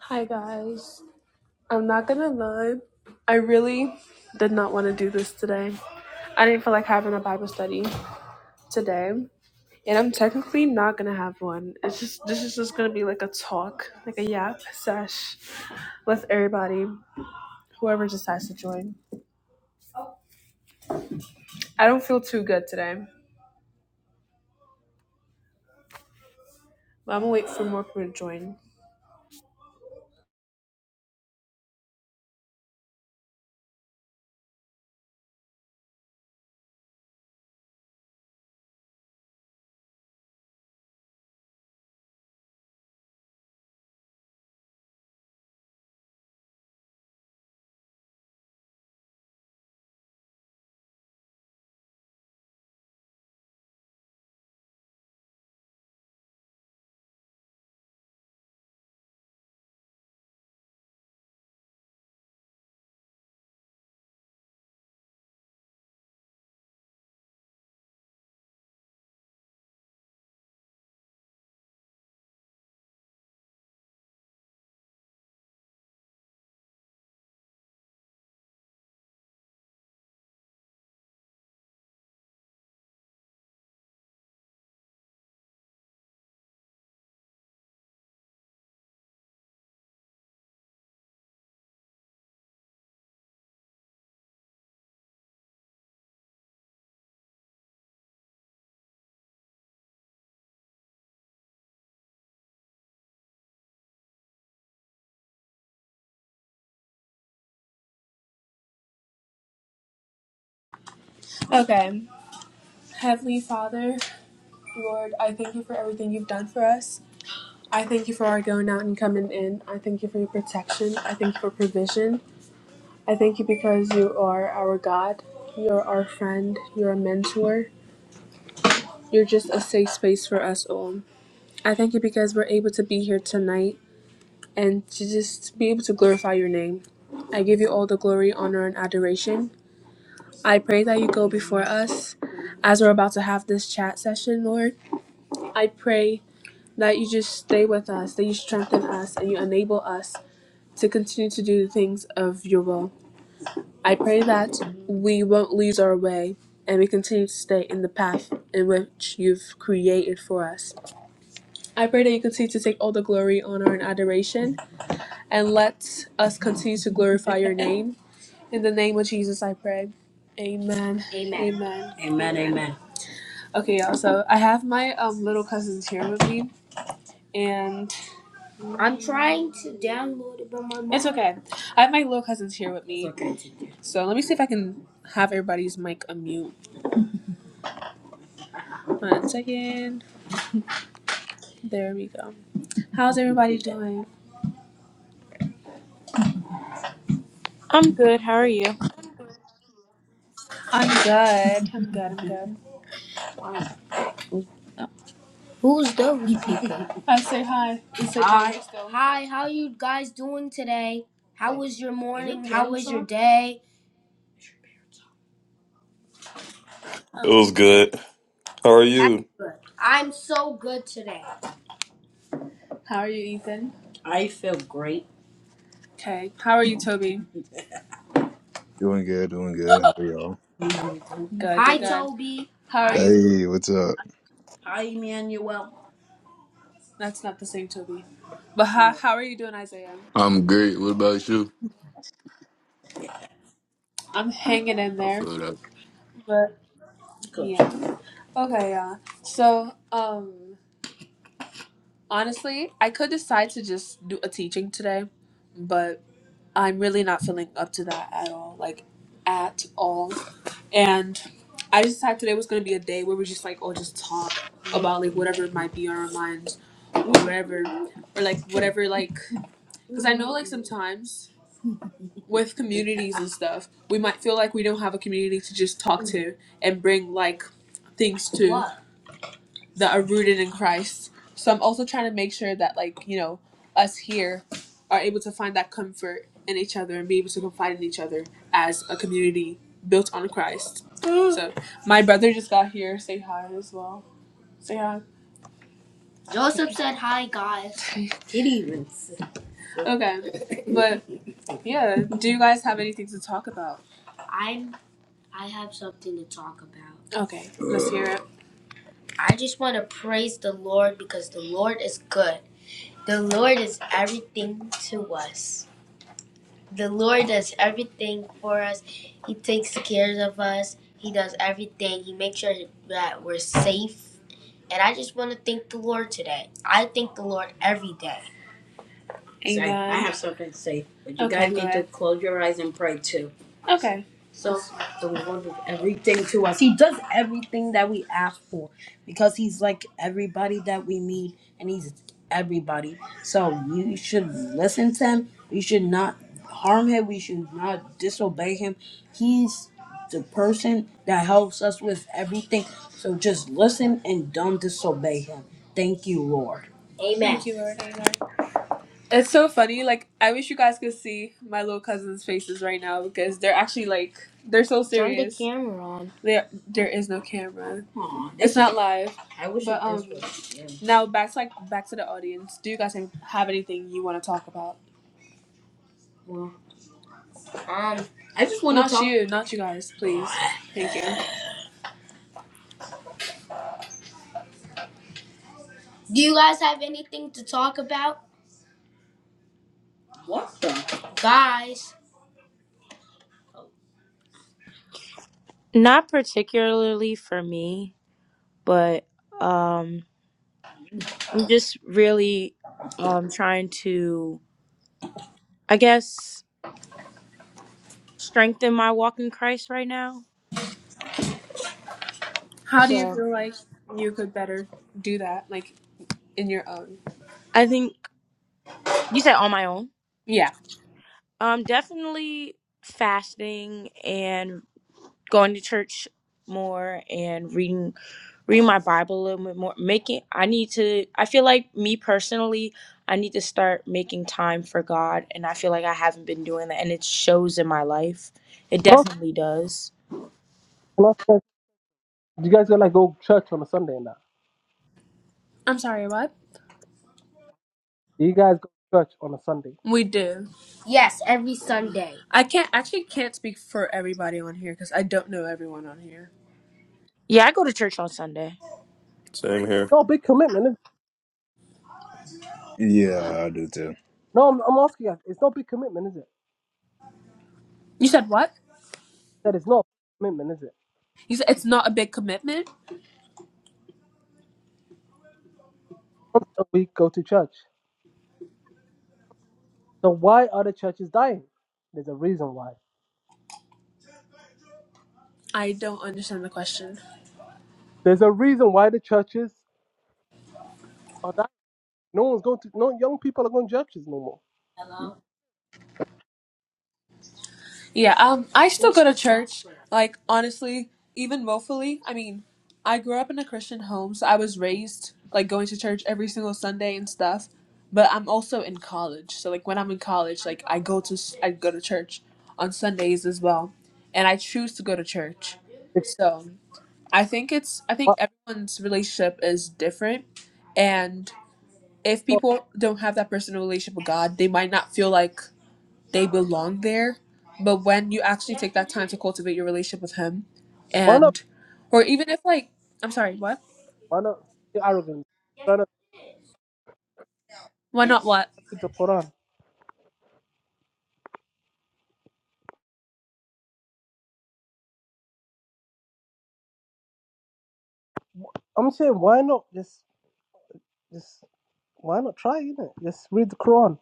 Hi guys. I'm not gonna lie. I really did not want to do this today. I didn't feel like having a Bible study today. And I'm technically not gonna have one. It's just this is just gonna be like a talk, like a yap sesh with everybody, whoever decides to join. I don't feel too good today. But I'm gonna wait for more people to join. Okay. Heavenly Father, Lord, I thank you for everything you've done for us. I thank you for our going out and coming in. I thank you for your protection. I thank you for provision. I thank you because you are our God. You're our friend. You're a mentor. You're just a safe space for us all. I thank you because we're able to be here tonight and to just be able to glorify your name. I give you all the glory, honor, and adoration. I pray that you go before us as we're about to have this chat session, Lord. I pray that you just stay with us, that you strengthen us, and you enable us to continue to do the things of your will. I pray that we won't lose our way and we continue to stay in the path in which you've created for us. I pray that you continue to take all the glory, honor, and adoration and let us continue to glorify your name. In the name of Jesus, I pray. Amen. Amen. Amen. Amen, amen. Okay, y'all. So I have my um, little cousins here with me, and I'm trying to download it, but my mom. It's okay. I have my little cousins here with me, So let me see if I can have everybody's mic unmute. One second. There we go. How's everybody doing? I'm good. How are you? I'm good. I'm good. I'm good. Who's the I say hi. You said hi hi? still. Hi, how you guys doing today? How was your morning? How was your day? It Okay. was good. How are That's you? good. I'm so good today. How are you, Ethan? I feel great. Okay. How are you, Toby? Doing good, doing good. How are y'all? Good. Hi, Good. Toby. How are Hi, you? Hey, what's up? hi, Emmanuel. That's not the same Toby. But how, how are you doing, Isaiah? I'm great. What about you? I'm hanging in I there. feel that. But Good. yeah. Okay, yeah. So, um honestly, I could decide to just do a teaching today, but I'm really not feeling up to that at all. Like at all. And I just decided today was gonna be a day where we just like all just talk about like whatever might be on our minds whatever or like whatever like because I know like sometimes with communities and stuff, we might feel like we don't have a community to just talk to and bring like things to that are rooted in Christ. So I'm also trying to make sure that like, you know, us here are able to find that comfort in each other and be able to confide in each other as a community built on Christ. So my brother just got here. Say hi as well. Say hi. Joseph said hi, guys. Kitty even. said- hi. okay. But yeah, do you guys have anything to talk about? I'm. I have something to talk about. Okay, let's hear it. I just want to praise the Lord because the Lord is good. The Lord is everything to us. The Lord does everything for us. He takes care of us. He does everything. He makes sure that we're safe. And I just want to thank the Lord today. I thank the Lord every day. So I, I have something to say, but you Okay, guys need to close your eyes and pray too. Okay. So the Lord does everything to us. He does everything that we ask for because He's like everybody that we need, and He's everybody. So you should listen to Him. You should not harm Him. We should not disobey Him. He's the person that helps us with everything. So just listen and don't disobey Him. Thank you, Lord. Amen. Thank you, Lord. Amen. It's so funny. Like I wish you guys could see my little cousins' faces right now because they're actually like they're so Turn the serious. camera on. There, there is no camera. Aw, It's not live. I wish But it, um, was yeah. now back to like back to the audience. Do you guys have anything you want to talk about? Well, um, I just want to Not talk. you, not you guys, please. Thank you. Do you guys have anything to talk about? What the? Guys. Not particularly for me, but um I'm just really um trying to I guess strengthen my walk in Christ right now. How do you So, feel like you could better do that, like in your own? I think you said on my own. Yeah. Um definitely fasting and going to church more and reading reading my Bible a little bit more. Making I need to I feel like me personally, I need to start making time for God and I feel like I haven't been doing that and it shows in my life. It Can I- definitely does. can Do you guys gonna go to church on a Sunday and that? I'm sorry, what? Do you guys go to church on a Sunday? We do. Yes, every Sunday. I can't actually can't speak for everybody on here because I don't know everyone on here. Yeah, I go to church on Sunday. Same here. No big commitment. Is it? Yeah, I do too. No, I'm, I'm asking you guys. It's not big commitment, is it? You said what? That is not a commitment, is it? You said it's not a big commitment. Once a week, go to church. So why are the churches dying? There's a reason why. I don't understand the question. There's a reason why the churches are dying. No one's going to. No young people are going to churches no more. You- Yeah, um, I still go to church. Like, honestly, even woefully. I mean, I grew up in a Christian home, so I was raised like going to church every single Sunday and stuff. But I'm also in college, so like when I'm in college, like I go to s- I go to church on Sundays as well, and I choose to go to church. So I think it's I think Why, everyone's relationship is different, and if people don't have that personal relationship with God, they might not feel like they belong there. But when you actually take that time to cultivate your relationship with him why not? and or even if like I'm sorry, what? Why not? You're arrogant. Why not Why not what? read the Quran? I'm saying why not? Just, just why not try? You know, just read the Quran.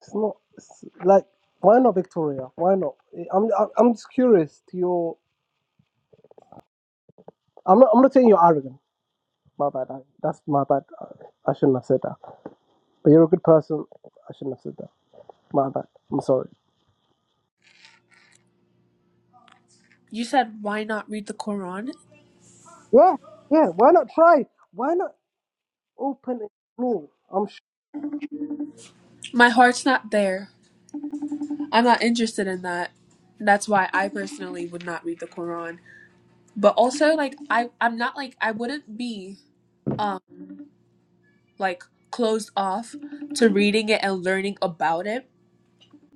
It's not it's like why not Victoria? Why not? I'm I'm I'm just curious to your. I'm not I'm not saying you're arrogant. My bad. I, that's my bad. I, I shouldn't have said that. But you're a good person. I shouldn't have said that. My bad. I'm sorry. You said why not read the Quran? Yeah, yeah. Why not try? Why not open and explore? I'm sure. My heart's not there. I'm not interested in that. That's why I personally would not read the Quran. But also like I I'm not like I wouldn't be um like closed off to reading it and learning about it,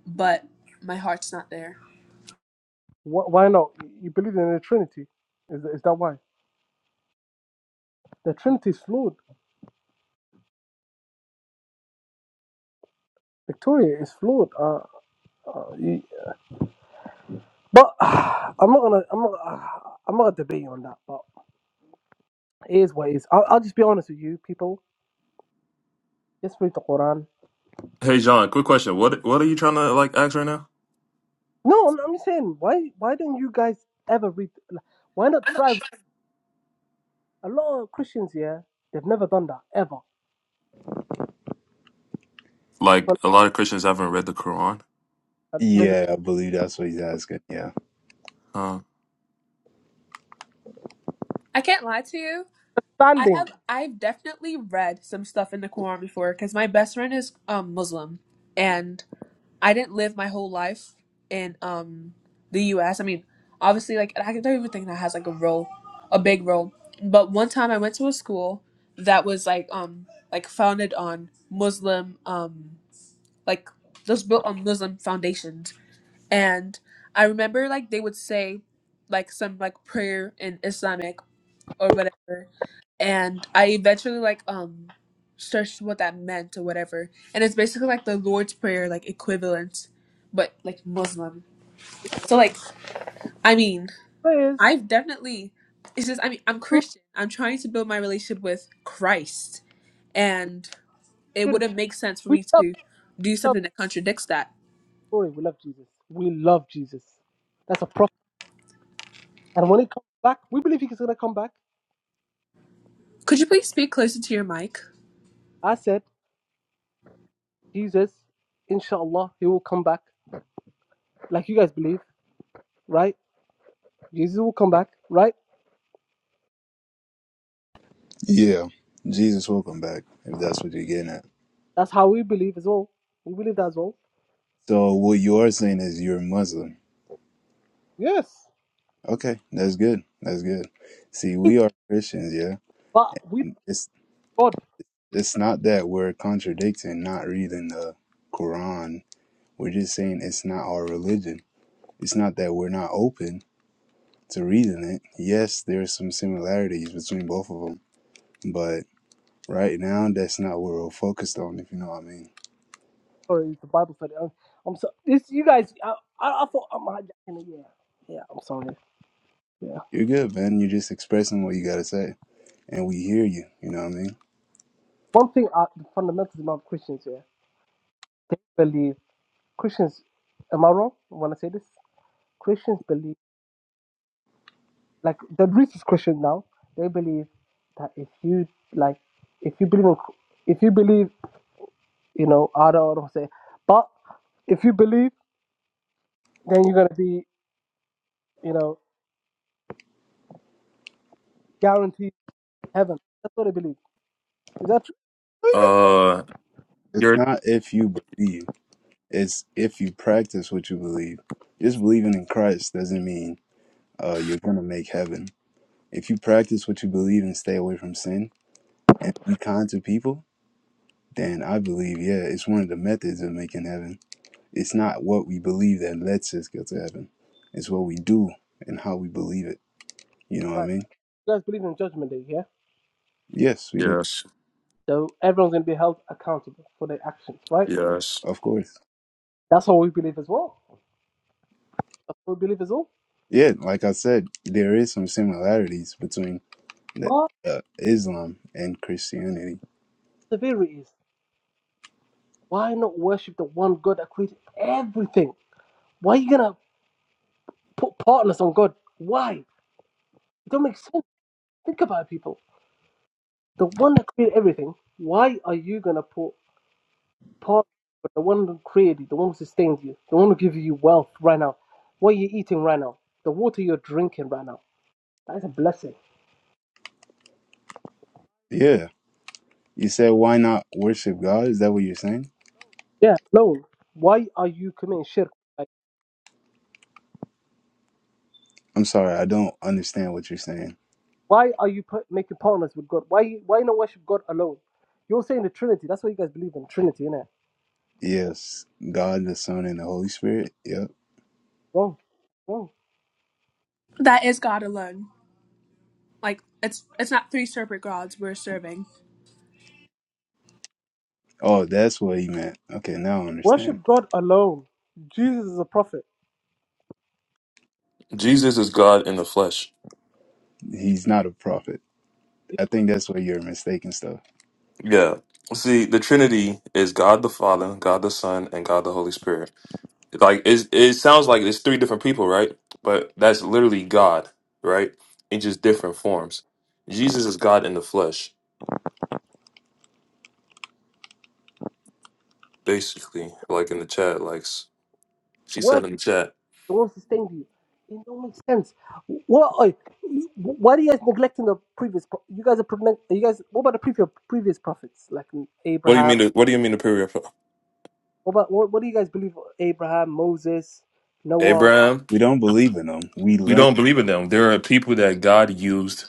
but my heart's not there. Why, why not? You believe in the Trinity? Is that, is that why? The Trinity is flawed. Victoria is flawed. Uh, uh, you, but I'm not gonna. I'm not. Uh, I'm not gonna debate you on that. But It is what it is. I'll, I'll just be honest with you, people. Just read the Quran. Hey John, quick question. What what are you trying to like ask right now? No, I'm, I'm just saying, why why don't you guys ever read? like, Why not try? A lot of Christians here, they've never done that ever. Like But a lot of Christians haven't read the Quran. uh, there's an Yeah, I believe that's what he's asking. Yeah. Huh. I can't lie to you. I understanding. have I've definitely read some stuff in the Quran before because my best friend is um Muslim and I didn't live my whole life in um the US. I mean, obviously like I don't even think that has like a role a big role. But one time I went to a school that was like um like founded on Muslim um like just built on Muslim foundations. And I remember like they would say like some like prayer in Islamic or whatever. And I eventually like um searched what that meant or whatever. And it's basically like the Lord's Prayer like equivalent, but like Muslim. So like I mean, There is I've definitely it's just I mean I'm true Christian. I'm trying to build my relationship with Christ and it shirk. wouldn't make sense for We me love, to do love, something that contradicts that. sorry, we love Jesus. We love Jesus. That's a prophet. And when he comes back, we believe he's gonna come back. He Could you was the- please speak closer to your mic? I said, Jesus, inshallah, he will come back. Like you guys believe, right? Jesus will come back, right? Yeah. Jesus will come back, if that's what you're getting at. That's how we believe as well. We believe that as well. So, what you are saying is you're Muslim. Yes. Okay, that's good. That's good. See, we are Christians, yeah? But we It's God, it's not that we're contradicting not reading the Quran. We're just saying it's not our religion. It's not that we're not open to reading it. Yes, there's some similarities between both of them, but Right now, that's not what we're focused on, if you know what I mean. sorry, it's the Bible said. I'm, I'm so this. You guys, I, I, I thought I'm hijacking it. Yeah, yeah. I'm sorry. Yeah. You're good, man. You're just expressing what you got to say, and we hear you, you know what I mean? One thing, uh, the fundamentals about Christians. Yeah, they believe Christians. Am I wrong when I say this? Christians believe like the richest Christian now. They believe that if you like, if you believe in, if you believe, you know, I don't know what I'm saying, but if you believe, then you're gonna be, you know, guaranteed heaven. That's what I believe. Is that true? Oh, you guys Uh It's you're not if you believe, it's if you practice what you believe. Just believing in Christ doesn't mean uh, you're going to make heaven. If you practice what you believe and stay away from sin and be kind to people, then I believe, yeah, it's one of the methods of making heaven. It's not what we believe that lets us get to heaven, it's what we do and how we believe it. You know what believe? I Right. mean? You guys believe in judgment day, yeah? Yes, we do. Yes. So everyone's gonna be held accountable for their actions, right? Yes. Of course. That's what we believe as well. That's what we believe as well. Yeah, like I said, there is some similarities between the, But uh, Islam and Christianity. the theory is why not worship the one God that created everything? Why are you gonna put partners on God? Why? It don't make sense. Think about it, people. The one that created everything, why are you gonna put Paul, but the one who created you, the one who sustains you, the one who gives you wealth right now, what you're eating right now, the water you're drinking right now, that is a blessing. Yeah. You said why not worship God? Is that what you're saying? Yeah, alone. Why are you committing shirk? Like, I'm sorry, I don't understand what you're saying. why are you put, making partners with God? Why why not worship God alone? You're saying the Trinity. That's what you guys believe in, Trinity, innit? Yes, God the Son and the Holy Spirit. Yep. Wrong, wrong. That is God alone. Like it's it's not three separate gods we're serving. Oh, that's what he meant. Okay, now I understand. Worship God alone. Jesus is a prophet. Jesus is God in the flesh. He's not a prophet. I think that's where you're mistaken stuff. Yeah. See, the Trinity is God the Father, God the Son, and God the Holy Spirit. Like it it sounds like it's three different people, right? But that's literally God, right? In just different forms. Jesus is God in the flesh, basically, like in the chat, like She Worship. said in the chat. won't sustain you. It don't make sense. What? uh, Why are you guys neglecting the previous? pro- You guys are pregnant. You guys. What about the previous previous prophets like What do you Abraham? mean? The, what do you mean the period? of- What about what? What do you guys believe? Abraham, Moses, Noah. Abraham? We don't believe in him. We We learn. don't believe in them. There are people that God used,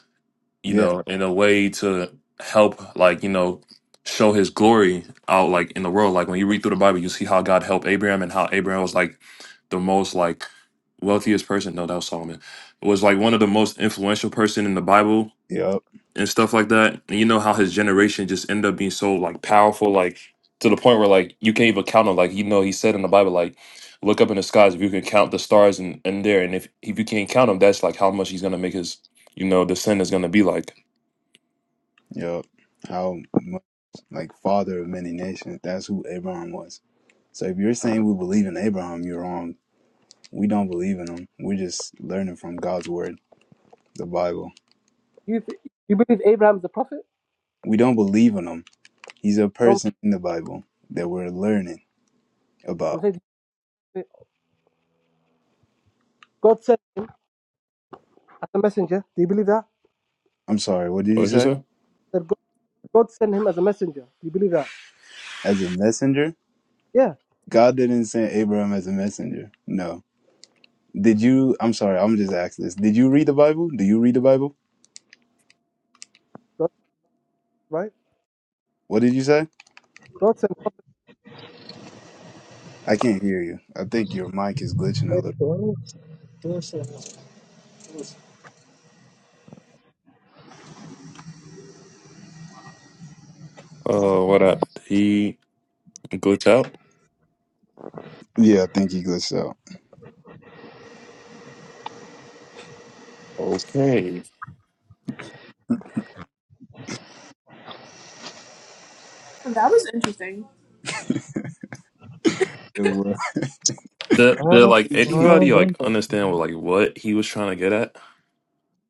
you Yeah. know, in a way to help, like you know, show His glory out, like in the world. Like when you read through the Bible, you see how God helped Abraham and how Abraham was like the most like wealthiest person. No, that was Solomon. Was like one of the most influential person in the Bible Yep. and stuff like that. And you know how his generation just end up being so like powerful, like to the point where like you can't even count them. Like you know, he said in the Bible, like look up in the skies if you can count the stars and in, in there, and if if you can't count them, that's like how much he's gonna make his you know descendants gonna be like. Yep. How much like father of many nations. That's who Abraham was. So if you're saying we believe in Abraham, you're wrong. We don't believe in him. We're just learning from God's word, the Bible. You th- you believe Abraham's the prophet? We don't believe in him. He's a No, person in the Bible that we're learning I'm about. saying God sent him as a messenger. Do you believe that? I'm sorry, what did What you did you say? say? That God, God sent him as a messenger. Do you believe that? As a messenger? Yeah, God didn't send Abraham as a messenger. No. Did you I'm sorry, I'm just asking this. Did you read the Bible? Do you read the Bible? God, right? What did you say? God sent. I can't hear you. I think your mic is glitching I a little. Uh, what happened? He glitched out. Yeah, I think you glitched out. Okay. That was interesting. It was. The the like anybody like understand what like what he was trying to get at?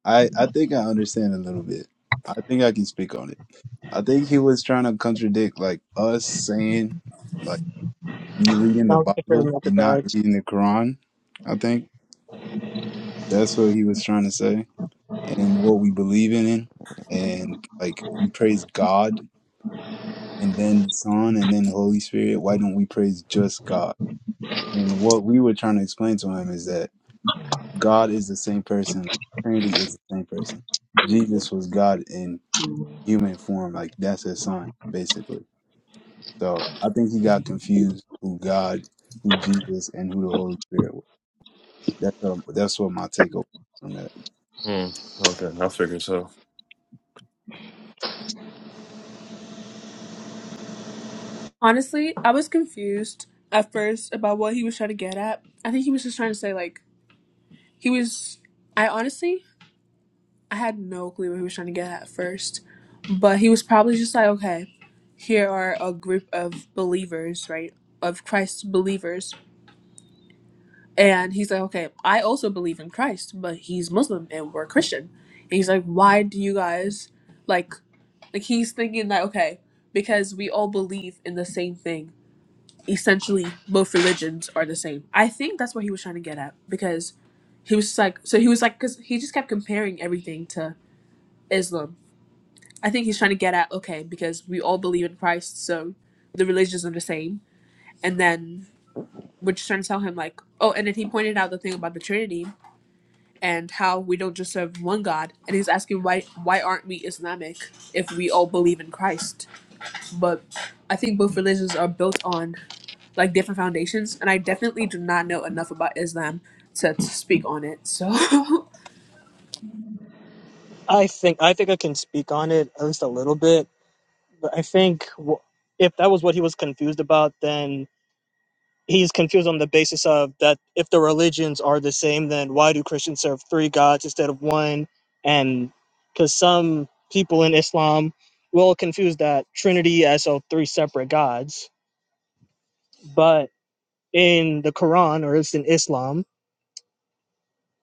I I think I understand a little bit. I think I can speak on it. I think he was trying to contradict like us saying like you reading the Bible and not reading the Quran. I think that's what he was trying to say and what we believe in and like we praise God and then the Son and then the Holy Spirit. Why don't we praise just God? And what we were trying to explain to him is that God is the same person. Trinity is the same person. Jesus was God and. human form, like that's his son, basically. So I think he got confused who God, who Jesus, and who the Holy Spirit. Was. That's what that's what my takeaway on that. Hmm. Okay, I figured so. Honestly, I was confused at first about what he was trying to get at. I think he was just trying to say like he was I honestly I had no clue what he was trying to get at first. But he was probably just like, okay, here are a group of believers, right? Of Christ's believers. And he's like, okay, I also believe in Christ, but he's Muslim and we're Christian. And he's like, why do you guys like like he's thinking that okay, because we all believe in the same thing essentially both religions are the same. I think that's what he was trying to get at because he was just like, so he was like, because he just kept comparing everything to Islam. I think he's trying to get at, okay, because we all believe in Christ, so the religions are the same. And then we're just trying to tell him, like, oh, and then he pointed out the thing about the Trinity and how we don't just serve one God. And he's asking, why, why aren't we Islamic if we all believe in Christ? but I think both religions are built on like different foundations, and I definitely do not know enough about Islam to, to speak on it. So think I think I can speak on it at least a little bit. But I think w- if that was what he was confused about, then he's confused on the basis of that if the religions are the same, then why do Christians serve three gods instead of one? And because some people in Islam will confuse that Trinity as so three separate gods, but in the Quran or it's in Islam,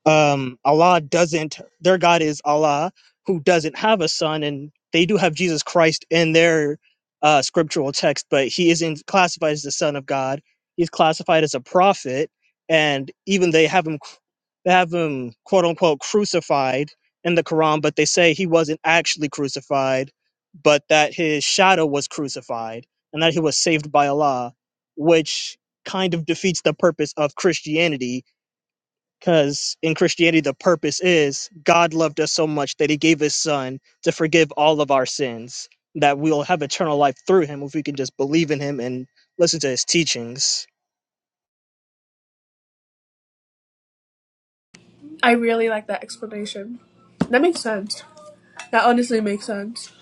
um allah doesn't their god is allah who doesn't have a son and they do have jesus christ in their uh scriptural text but he isn't classified as the son of god he's classified as a prophet and even they have him they have him quote unquote crucified in the quran but they say he wasn't actually crucified but that his shadow was crucified and that he was saved by allah which kind of defeats the purpose of christianity because in Christianity, the purpose is God loved us so much that he gave his son to forgive all of our sins, that we'll have eternal life through him if we can just believe in him and listen to his teachings. I really like that explanation. That makes sense. That honestly makes sense.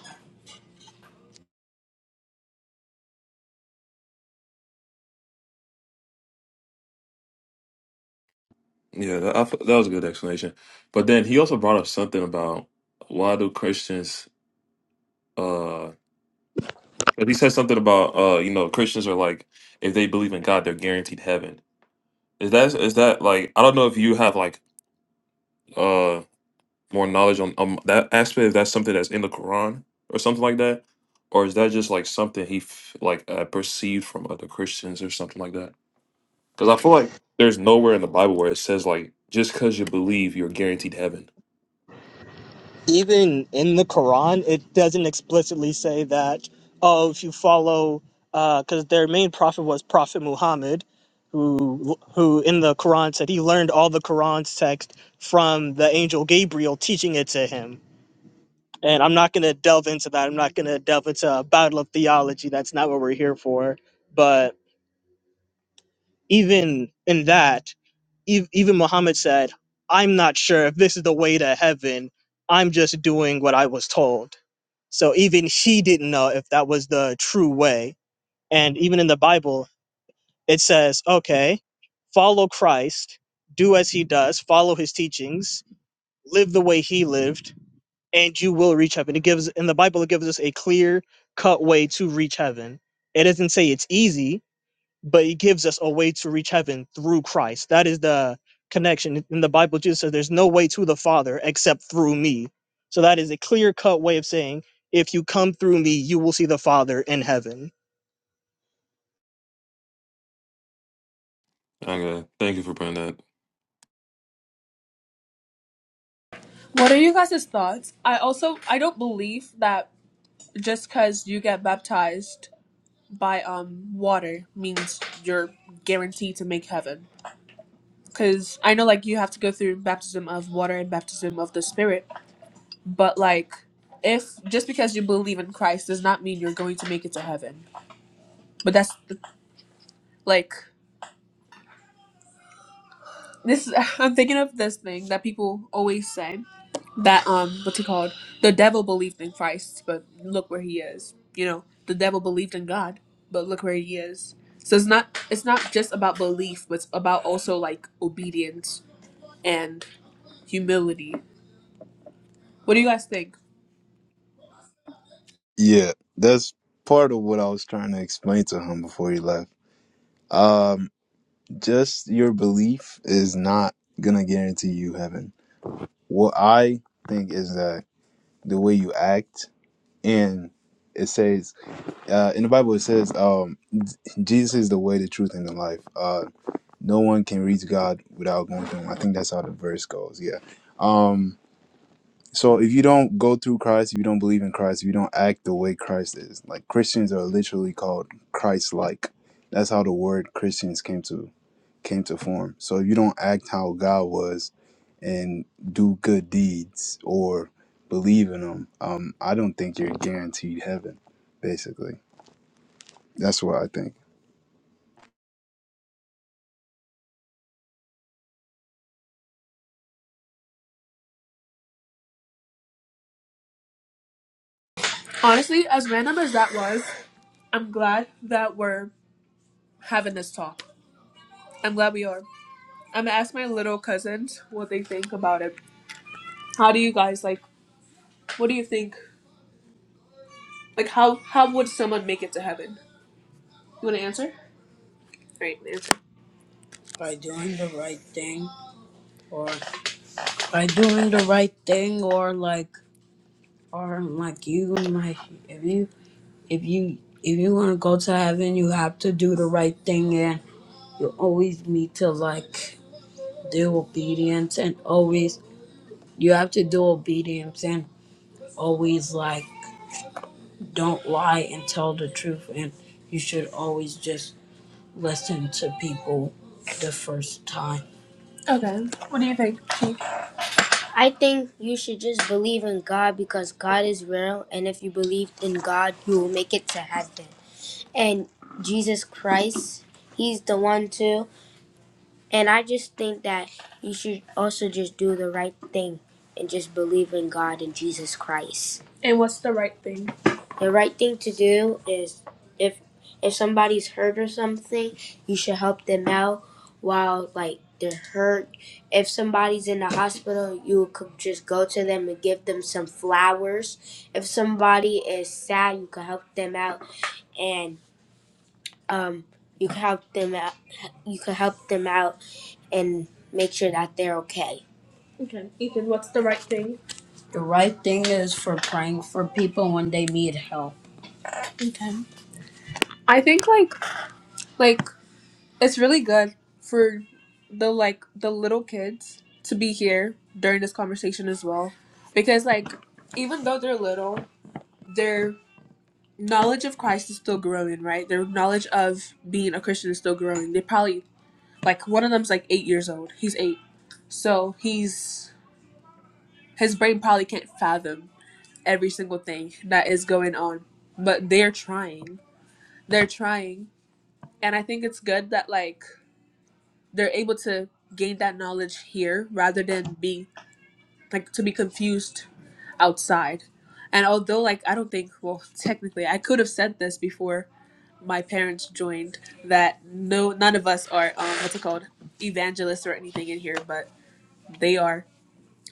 Yeah, that, I, thought- that was a good explanation. But then he also brought up something about why do Christians, uh, but he said something about, uh, you know, Christians are like, if they believe in God, they're guaranteed heaven. Is that, is that like, I don't know if you have like, uh, more knowledge on um, that aspect, if that's something that's in the Quran or something like that, or is that just like something he f- like uh, perceived from other Christians or something like that? Because I feel like there's nowhere in the Bible where it says like, just because you believe, you're guaranteed heaven. Even in the Quran, it doesn't explicitly say that, oh, if you follow, because their main prophet was Prophet Muhammad, who, who in the Quran said he learned all the Quran's text from the angel Gabriel teaching it to him And I'm not going to delve into that. I'm not going to delve into a battle of theology. That's not what we're here for. But even in that, ev- even Muhammad said, I'm not sure if this is the way to heaven. I'm just doing what I was told. So even he didn't know if that was the true way. And even in the Bible, it says, okay, follow Christ, do as he does, follow his teachings, live the way he lived and you will reach heaven. It gives in the Bible it gives us a clear cut way to reach heaven. It doesn't say it's easy, but it gives us a way to reach heaven through Christ. That is the connection. In the Bible, Jesus says there's no way to the Father except through me. So that is a clear cut way of saying if you come through me, you will see the Father in heaven. Okay, thank you for bringing that. What are you guys' thoughts? I also I don't believe that just because you get baptized by um water means you're guaranteed to make heaven. Because I know like you have to go through baptism of water and baptism of the spirit But like, if just because you believe in Christ does not mean you're going to make it to heaven. But that's like this. I'm thinking of this thing that people always say that um, what's it called? The devil believed in Christ, but look where he is. You know, the devil believed in God, but look where he is. So it's not it's not just about belief, but it's about also like obedience and humility. What do you guys think? Yeah, that's part of what I was trying to explain to him before he left. Um, just your belief is not gonna guarantee you heaven. What I think is that the way you act and it says uh, in the Bible it says um, Jesus is the way, the truth, and the life. Uh, no one can reach God without going through him. I think that's how the verse goes. Yeah. Um so if you don't go through Christ, if you don't believe in Christ, if you don't act the way Christ is, like Christians are literally called Christ like. That's how the word Christians came to came to form. So if you don't act how God was and do good deeds or believe in him, um, I don't think you're guaranteed heaven, basically. That's what I think. Honestly, as random as that was, I'm glad that we're having this talk. I'm glad we are. I'm gonna ask my little cousins what they think about it. How do you guys like? What do you think? Like, how how would someone make it to heaven? You want to answer? All right, answer. by doing the right thing or by doing the right thing or like or like you like if you if you if you want to go to heaven you have to do the right thing and you always need to like do obedience and always you have to do obedience and always like don't lie and tell the truth and you should always just listen to people the first time Okay. What do you think, Chief? I think you should just believe in God because God is real, and if you believe in God, you will make it to heaven. And Jesus Christ, He's the one too. And I just think that you should also just do the right thing and just believe in God and Jesus Christ. And what's the right thing? The right thing to do is if if somebody's hurt or something, you should help them out while like they're hurt. If somebody's in the hospital, you could just go to them and give them some flowers. If somebody is sad, you could help them out and um you could help them out you could help them out and make sure that they're okay. Okay. Ethan, what's the right thing? The right thing is for praying for people when they need help. Okay. I think like like it's really good for the like the little kids to be here during this conversation as well. Because like even though they're little, their knowledge of Christ is still growing, right? Their knowledge of being a Christian is still growing. They probably like one of them's like eight years old. He's eight. So he's His brain probably can't fathom every single thing that is going on, but they're trying. They're trying. And I think it's good that, like, they're able to gain that knowledge here rather than be, like, to be confused outside. And although, like, I don't think, well, technically, I could have said this before my parents joined that no, none of us are, um, what's it called, evangelists or anything in here, but they are.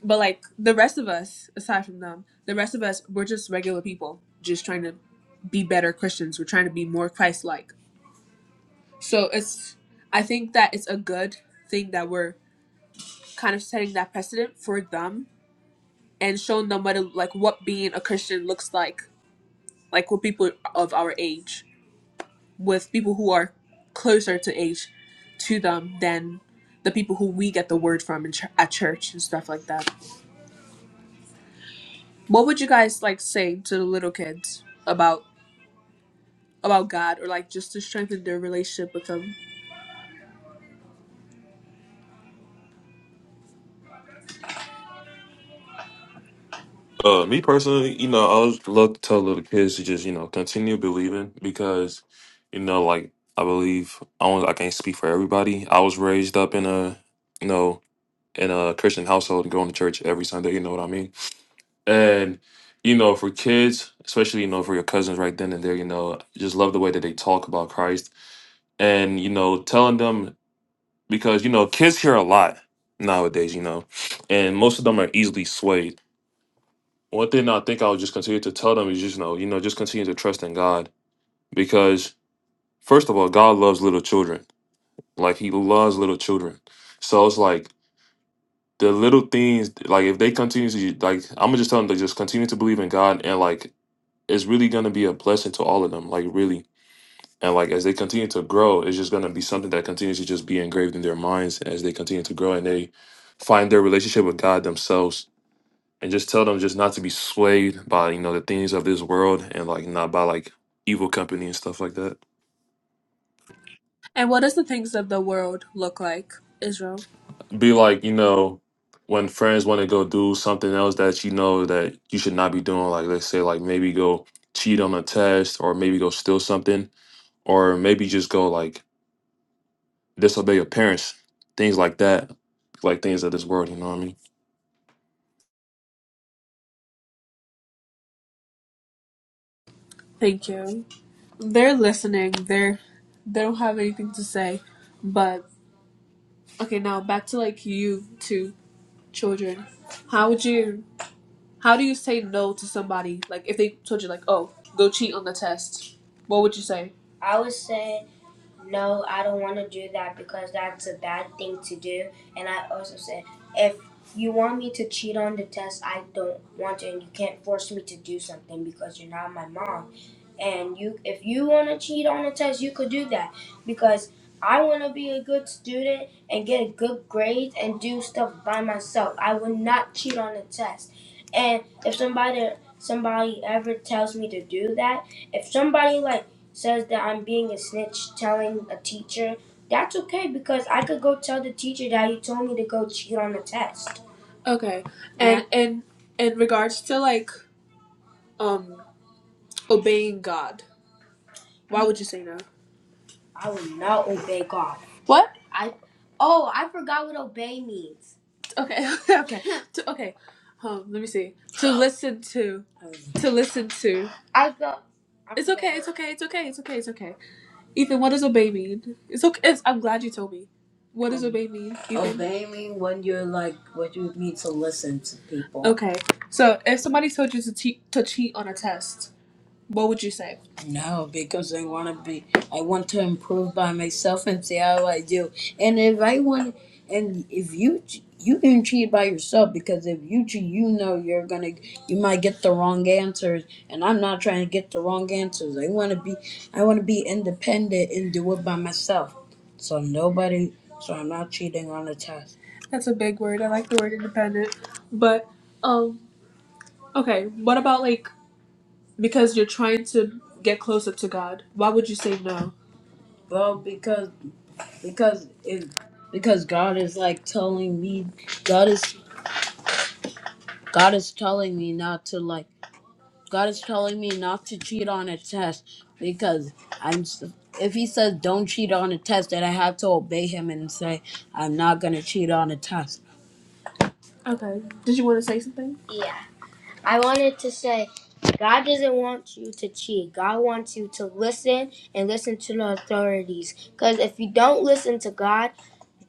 But like the rest of us, aside from them, the rest of us, we're just regular people, just trying to be better Christians. We're trying to be more Christ-like. So it's, I think that it's a good thing that we're kind of setting that precedent for them and showing them what it, like what being a Christian looks like, like with people of our age, with people who are closer to age to them than the people who we get the word from in ch- at church and stuff like that. What would you guys like say to the little kids about? about God or like just to strengthen their relationship with Him. Uh, me personally, you know, I always love to tell little kids to just, you know, continue believing because, you know, like I believe I don't, I can't speak for everybody. I was raised up in a, you know, in a Christian household and going to church every Sunday. You know what I mean? And you know, for kids, especially you know, for your cousins right then and there, you know, just love the way that they talk about Christ and you know, telling them because you know, kids hear a lot nowadays, you know, and most of them are easily swayed. one thing I think I would just continue to tell them is just you know, you know, just continue to trust in God because first of all, God loves little children. Like He loves little children. So it's like the little things, like if they continue to like, I'm gonna just tell them to just continue to believe in God and like it's really gonna be a blessing to all of them. Like really. And like as they continue to grow, it's just gonna be something that continues to just be engraved in their minds as they continue to grow and they find their relationship with God themselves and just tell them just not to be swayed by you know the things of this world and like not by like evil company and stuff like that And what does the things of the world look like, Israel? be like you know when friends want to go do something else that you know that you should not be doing like let's say like maybe go cheat on a test or maybe go steal something or maybe just go like disobey your parents things like that like things of this world you know what i mean Thank you. They're listening. They're they don't have anything to say, but okay. Now back to like you two children. How would you? How do you say no to somebody? Like if they told you like, oh, go cheat on the test. What would you say? I would say no, I don't want to do that because that's a bad thing to do. And I also said, if you want me to cheat on the test, I don't want to, and you can't force me to do something because you're not my mom. And you, if you want to cheat on the test, you could do that because I want to be a good student and get a good grade and do stuff by myself. I would not cheat on the test. And if somebody somebody ever tells me to do that, if somebody like says that I'm being a snitch, telling a teacher, that's okay because I could go tell the teacher that you told me to go cheat on the test. Okay. And Yeah. And in regards to like um obeying God, why would you say no? I will not obey God. What? I oh, I forgot what obey means. Okay. okay. To, okay. Um, let me see. To listen to. To listen to. I thought I It's forgot. okay. It's okay. It's okay. It's okay. It's okay. Ethan, what does obey mean? It's okay. It's, I'm glad you told me. What does obey mean, Ethan? Obeying when you're like when you need to listen to people. Okay, so if somebody told you to, te- to cheat on a test, what would you say? No, because I want to be, I want to improve by myself and see how I do. And if I want, and if you, ch- you can cheat by yourself because if you cheat, you know you're gonna, you might get the wrong answers. And I'm not trying to get the wrong answers. I want to be, I want to be independent and do it by myself. So nobody, so I'm not cheating on the test. That's a big word. I like the word independent. But um okay, what about like because you're trying to get closer to God. Why would you say no? Well, because because it because God is like telling me God is God is telling me not to like God is telling me not to cheat on a test because I'm s- if he says don't cheat on a test then I have to obey him and say I'm not going to cheat on a test. Okay. Did you want to say something? I wanted to say, God doesn't want you to cheat. God wants you to listen and listen to the authorities. Because if you don't listen to God,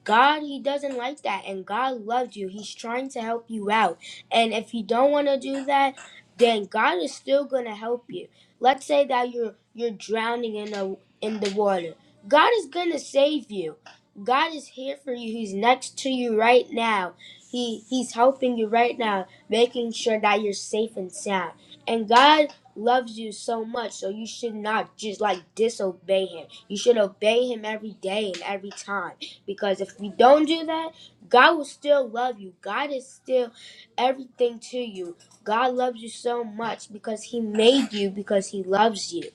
God, He doesn't like that, and God loves you. He's trying to help you out. And if you don't want to do that, then God is still gonna help you. Let's say that you're you're drowning in the in the water. God is gonna save you. God is here for you. He's next to you right now. He he's helping you right now, making sure that you're safe and sound. And God loves you so much, so you should not just like disobey him. You should obey him every day and every time. Because if we don't do that, God will still love you. God is still everything to you. God loves you so much because He made you because He loves you.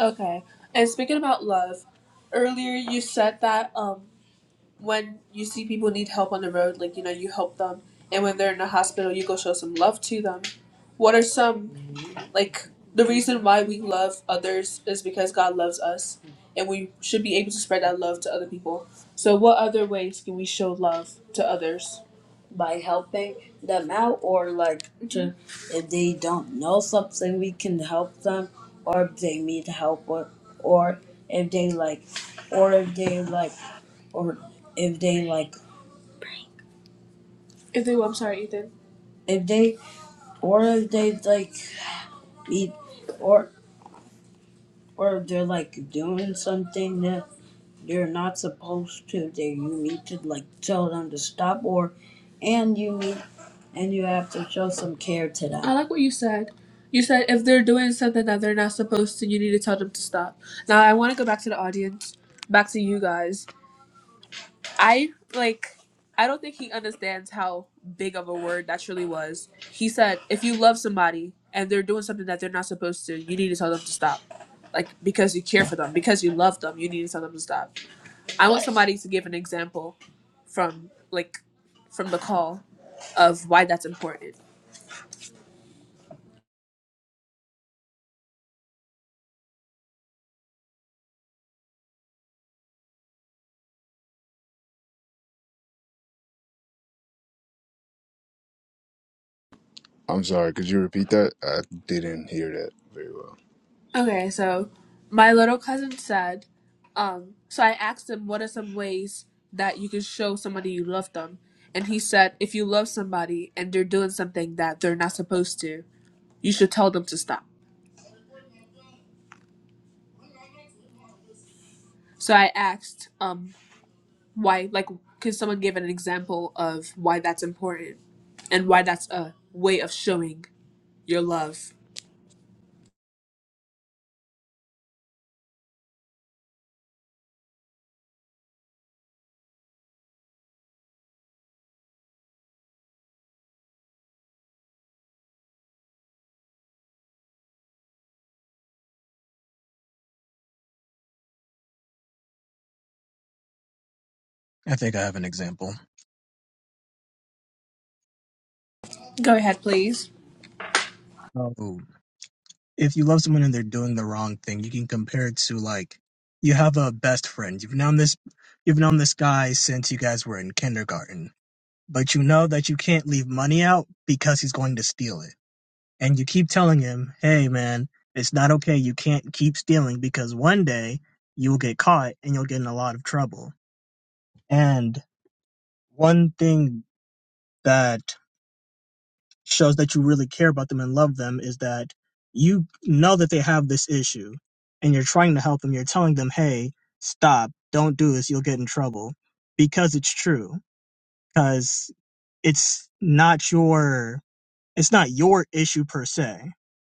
Okay. And speaking about love, earlier you said that um when you see people need help on the road, like you know, you help them and when they're in the hospital you go show some love to them. What are some like the reason why we love others is because God loves us and we should be able to spread that love to other people. So what other ways can we show love to others? by helping them out or like to if they don't know something we can help them or if they need help or, or if they like or if they like or if they like If they I'm sorry, Ethan. if they or if they like eat, or or they're like doing something that they're not supposed to they you need to like tell them to stop or and you need and you have to show some care to them I like what you said. You said if they're doing something that they're not supposed to, you need to tell them to stop. Now I want to go back to the audience, back to you guys. I like I don't think he understands how big of a word that truly was. He said, if you love somebody and they're doing something that they're not supposed to, you need to tell them to stop. Like because you care for them, because you love them, you need to tell them to stop. I want somebody to give an example from like from the call of why that's important. I'm sorry, could you repeat that? I didn't hear that very well. Okay, so my little cousin said, um, so I asked him what are some ways that you can show somebody you love them. And he said, if you love somebody and they're doing something that they're not supposed to, you should tell them to stop. So I asked, um, why, like, could someone give an example of why that's important and why that's a way of showing your love? I think I have an example. Go ahead, please. Oh. if you love someone and they're doing the wrong thing, you can compare it to like you have a best friend. You've known this you've known this guy since you guys were in kindergarten, but you know that you can't leave money out because he's going to steal it. And you keep telling him, "Hey man, it's not okay. You can't keep stealing because one day you'll get caught and you'll get in a lot of trouble." And one thing that shows that you really care about them and love them is that you know that they have this issue and you're trying to help them. You're telling them, hey, stop, don't do this, you'll get in trouble because it's true. Because it's not your it's not your issue per se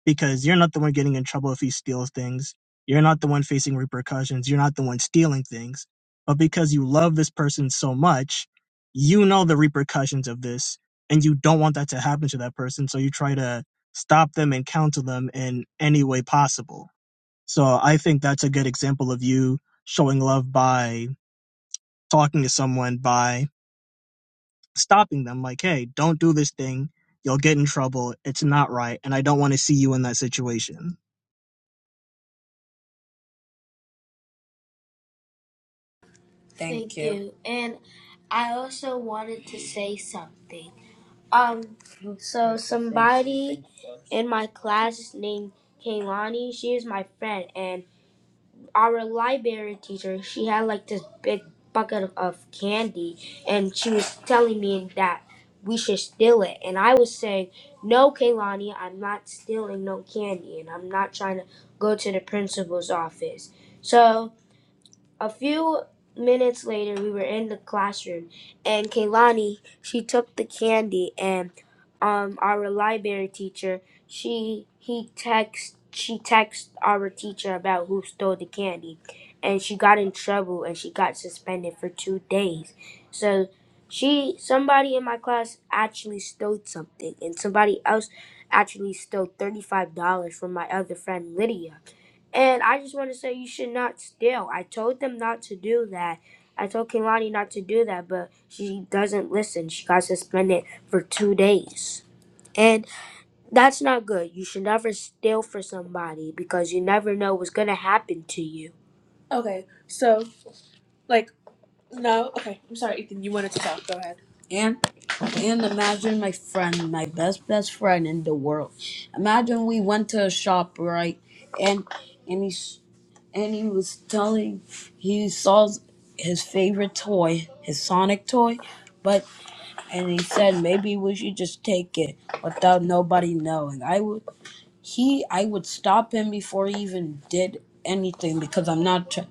because you're not the one getting in trouble if he steals things you're not the one facing repercussions you're not the one stealing things but because you love this person so much you know the repercussions of this and you don't want that to happen to that person so you try to stop them and counsel them in any way possible so i think that's a good example of you showing love by talking to someone by stopping them like hey don't do this thing you'll get in trouble it's not right and i don't want to see you in that situation Thank, Thank you. you. And I also wanted to say something. Um, so somebody in my class named Kaylani, she is my friend, and our library teacher, she had like this big bucket of of candy, and she was telling me that we should steal it. And I was saying, No, Kaylani, I'm not stealing no candy, and I'm not trying to go to the principal's office. So a few minutes later, we were in the classroom, and Kaylani, she took the candy, and um, our library teacher, she he text she texted our teacher about who stole the candy, and she got in trouble, and she got suspended for two days. So she somebody in my class actually stole something, and somebody else actually stole thirty five dollars from my other friend Lydia. And I just want to say you should not steal. I told them not to do that. I told Kehlani not to do that, but she doesn't listen. She got suspended for two days. And that's not good. You should never steal for somebody because you never know what's going to happen to you. Okay, so like no, okay. I'm sorry, Ethan. You wanted to talk. Go ahead. And and imagine my friend, my best best friend in the world. Imagine we went to a shop, right? And and he and he was telling he saw his favorite toy, his Sonic toy, but and he said maybe we should just take it without nobody knowing. I would he I would stop him before he even did anything because I'm not tr-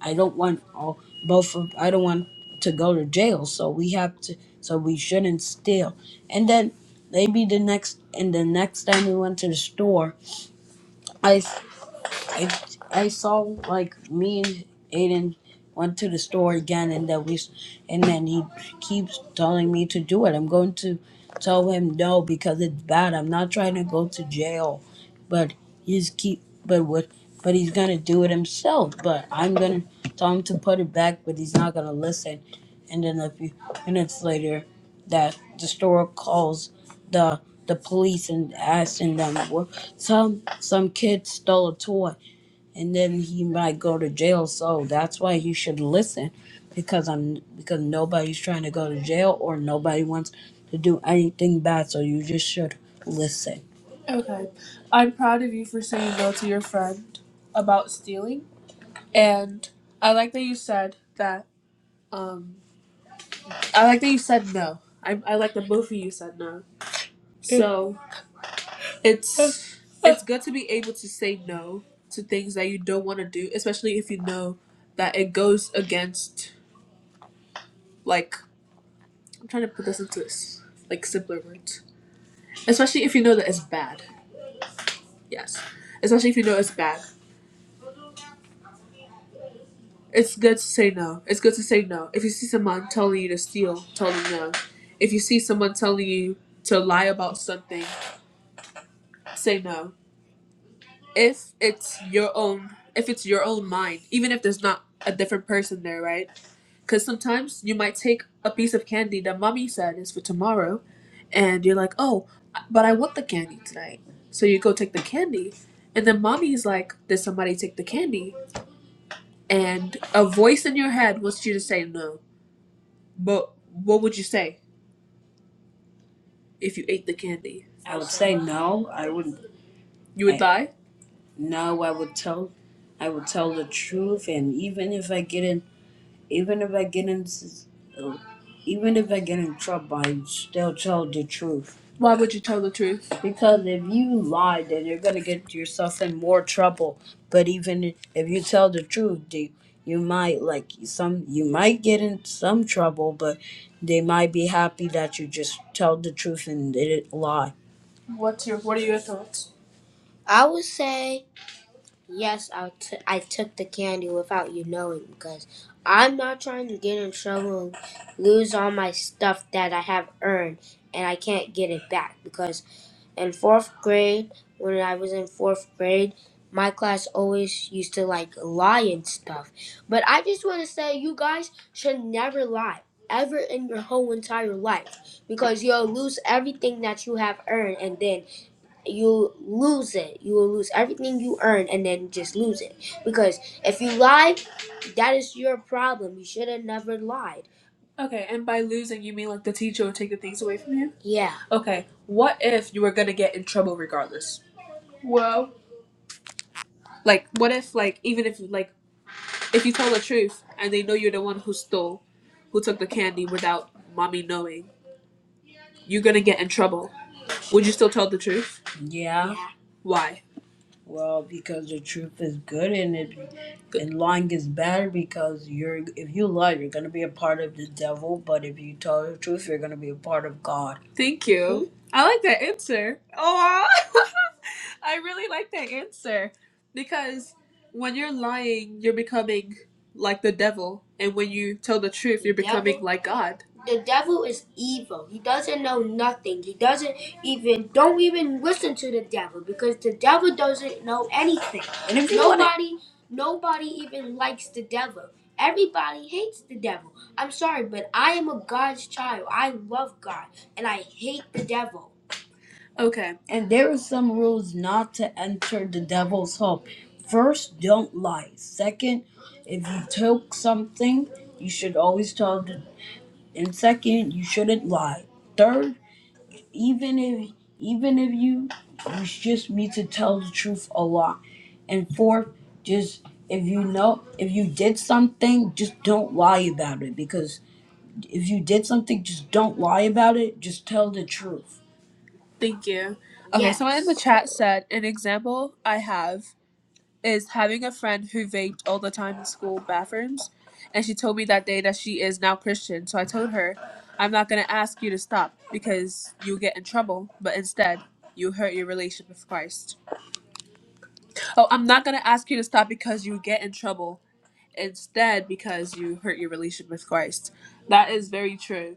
I don't want all both of I don't want to go to jail, so we have to so we shouldn't steal. And then maybe the next and the next time we went to the store, I. I I saw like me and Aiden went to the store again, and that we, s- and then he keeps telling me to do it. I'm going to tell him no because it's bad. I'm not trying to go to jail, but he's keep but what but he's gonna do it himself. But I'm gonna tell him to put it back, but he's not gonna listen. And then a few minutes later, that the store calls the the police and asking them, well, some some kid stole a toy and then he might go to jail. So that's why he should listen, because I'm because nobody's trying to go to jail or nobody wants to do anything bad. So you just should listen. Okay. I'm proud of you for saying no to your friend about stealing. And I like that you said that um I like that you said no. I I like that both of you said no. So. it's it's good to be able to say no to things that you don't want to do, especially if you know that it goes against like I'm trying to put this into s- like simpler words. Especially if you know that it's bad. Yes. Especially if you know it's bad. It's good to say no. It's good to say no. If you see someone telling you to steal, tell them no. If you see someone telling you to lie about something, say no. If it's your own if it's your own mind, even if there's not a different person there, right? Because sometimes you might take a piece of candy that mommy said is for tomorrow, and you're like, oh, but I want the candy tonight. So you go take the candy, and then mommy's like, did somebody take the candy? And a voice in your head wants you to say no. But what would you say if you ate the candy? I would say no. I wouldn't. You would I lie? no. I would tell. I would tell the truth, and even if I get in Even if I get in, oh, even if I get in trouble, I still tell the truth. Why would you tell the truth? Because if you lie, then you're gonna get yourself in more trouble. But even if you tell the truth, they, you might like some. You might get in some trouble, but they might be happy that you just tell the truth and didn't lie. What's your What are your thoughts? I would say. Yes, I t- I took the candy without you knowing because I'm not trying to get in trouble and lose all my stuff that I have earned and I can't get it back because in fourth grade, when I was in fourth grade, my class always used to like lie and stuff. But I just want to say you guys should never lie ever in your whole entire life because you'll lose everything that you have earned and then you lose it. You will lose everything you earn and then just lose it. Because if you lie, that is your problem. You should have never lied. Okay, and by losing, you mean like the teacher would take the things away from you? Yeah. Okay, what if you were gonna get in trouble regardless? Well, like, what if, like, even if, like, if you tell the truth and they know you're the one who stole, who took the candy without mommy knowing, you're gonna get in trouble. Would you still tell the truth? Yeah. Why? Well, because the truth is good, and it. and lying is bad because you're if you lie you're going to be a part of the devil but if you tell the truth you're going to be a part of god Thank you. I like that answer. Oh. I really like that answer because when you're lying, you're becoming like the devil, and when you tell the truth, you're becoming Devil? like God. The devil is evil. He doesn't know nothing. He doesn't even don't even listen to the devil because the devil doesn't know anything. And if you want to, Nobody nobody even likes the devil. Everybody hates the devil. I'm sorry, but I am a God's child. I love God and I hate the devil. Okay. And there are some rules not to enter the devil's home. First, don't lie. Second, if you took something, you should always tell the and second, you shouldn't lie. Third, even if even if you you just need to tell the truth a lot. And fourth, just if you know if you did something, just don't lie about it because if you did something, just don't lie about it, just tell the truth. Thank you. Okay, someone in the Yes. chat said an example I have is having a friend who vaped all the time in school bathrooms, and she told me that day that she is now Christian. So I told her, I'm not gonna ask you to stop because you'll get in trouble, but instead you hurt your relationship with Christ. Oh, I'm not gonna ask you to stop because you get in trouble. It's dead because you hurt your relationship with Christ. That is very true.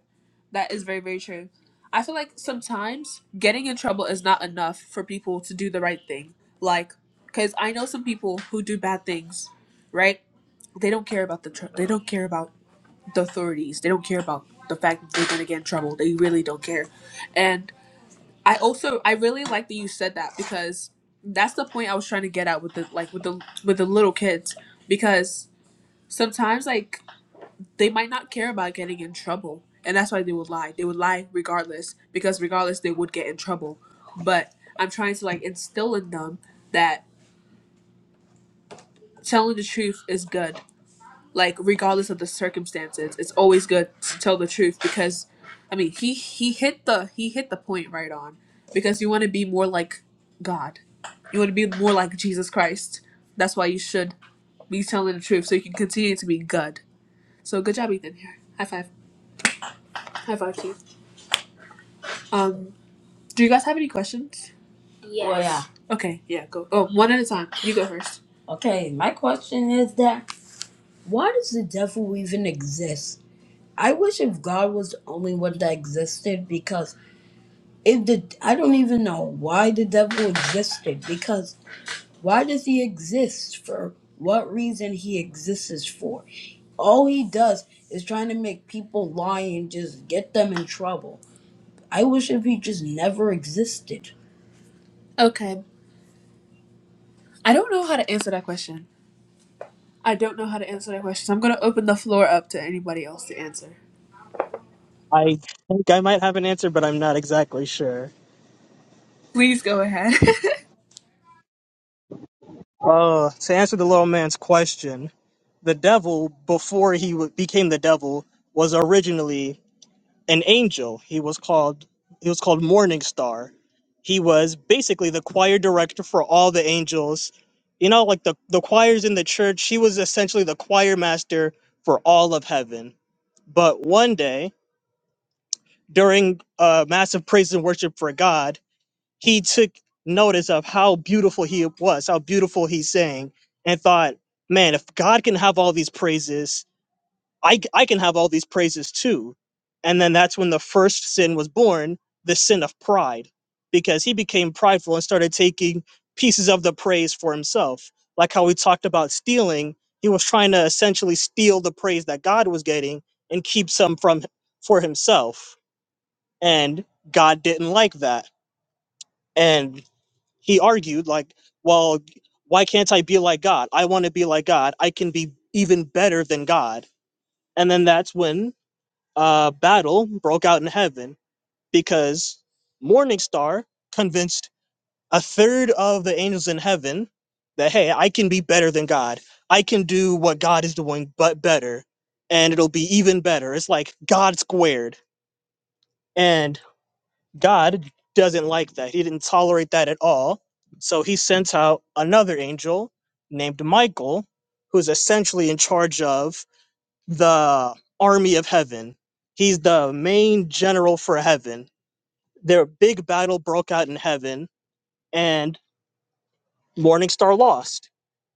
That is very, very true. I feel like sometimes getting in trouble is not enough for people to do the right thing. Like, because I know some people who do bad things, right? They don't care about the tr- they don't care about the authorities. They don't care about the fact that they're gonna get in trouble. They really don't care. And I also I really like that you said that because that's the point I was trying to get at with the like with the with the little kids because sometimes like they might not care about getting in trouble and that's why they would lie they would lie regardless because regardless they would get in trouble but i'm trying to like instill in them that telling the truth is good like regardless of the circumstances it's always good to tell the truth because i mean he he hit the he hit the point right on because you want to be more like god you want to be more like jesus christ that's why you should be telling the truth so you can continue to be good so good job ethan here high five high five to you. um Do you guys have any questions? Yes. Well, yeah. Yes. Okay, yeah, go. Oh, one at a time. You go first. Okay, my question is that why does the devil even exist? I wish if God was the only one that existed because if the I don't even know why the devil existed because why does he exist for what reason he exists for? All he does is trying to make people lie and just get them in trouble. I wish if he just never existed. Okay. I don't know how to answer that question. I don't know how to answer that question. So I'm going to open the floor up to anybody else to answer. i think i might have an answer but i'm not exactly sure Please go ahead. uh, to answer the little man's question the devil before he w- became the devil was originally an angel. He was called he was called Morning Star. He was basically the choir director for all the angels. You know, like the the choirs in the church, she was essentially the choir master for all of heaven. But one day, during uh, massive praise and worship for God, he took notice of how beautiful he was, how beautiful he sang, and thought, "Man, if God can have all these praises, I I can have all these praises too. And then that's when the first sin was born, the sin of pride, because he became prideful and started taking pieces of the praise for himself. Like how we talked about stealing, he was trying to essentially steal the praise that God was getting and keep some from for himself. And God didn't like that. And he argued like, well, why can't I be like God? I want to be like God. I can be even better than God. And then that's when uh, battle broke out in heaven because Morningstar convinced a third of the angels in heaven that, hey, I can be better than God. I can do what God is doing, but better. And it'll be even better. It's like God squared. And God doesn't like that. He didn't tolerate that at all. So he sent out another angel named Michael, who's essentially in charge of the army of heaven. He's the main general for heaven. Their big battle broke out in heaven, and Morningstar lost.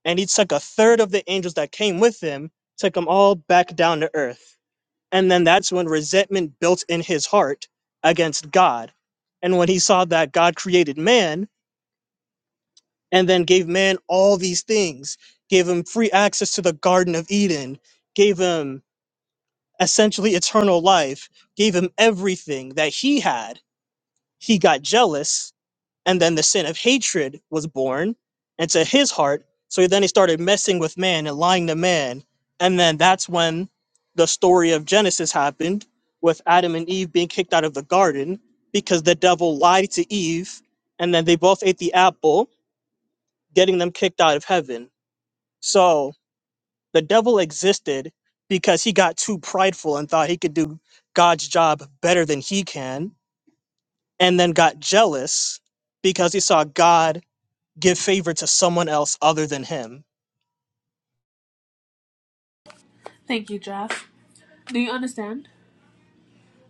And he took a third of the angels that came with him, took them all back down to earth. And then that's when resentment built in his heart against God. And when he saw that God created man and then gave man all these things, gave him free access to the Garden of Eden, gave him essentially eternal life, gave him everything that he had. He got jealous, and then the sin of hatred was born into his heart. So then he started messing with man and lying to man. And then that's when the story of Genesis happened with Adam and Eve being kicked out of the garden because the devil lied to Eve, and then they both ate the apple, getting them kicked out of heaven. So the devil existed because he got too prideful and thought he could do God's job better than he can, and then got jealous because he saw God give favor to someone else other than him. Thank you, Jeff. Do you understand?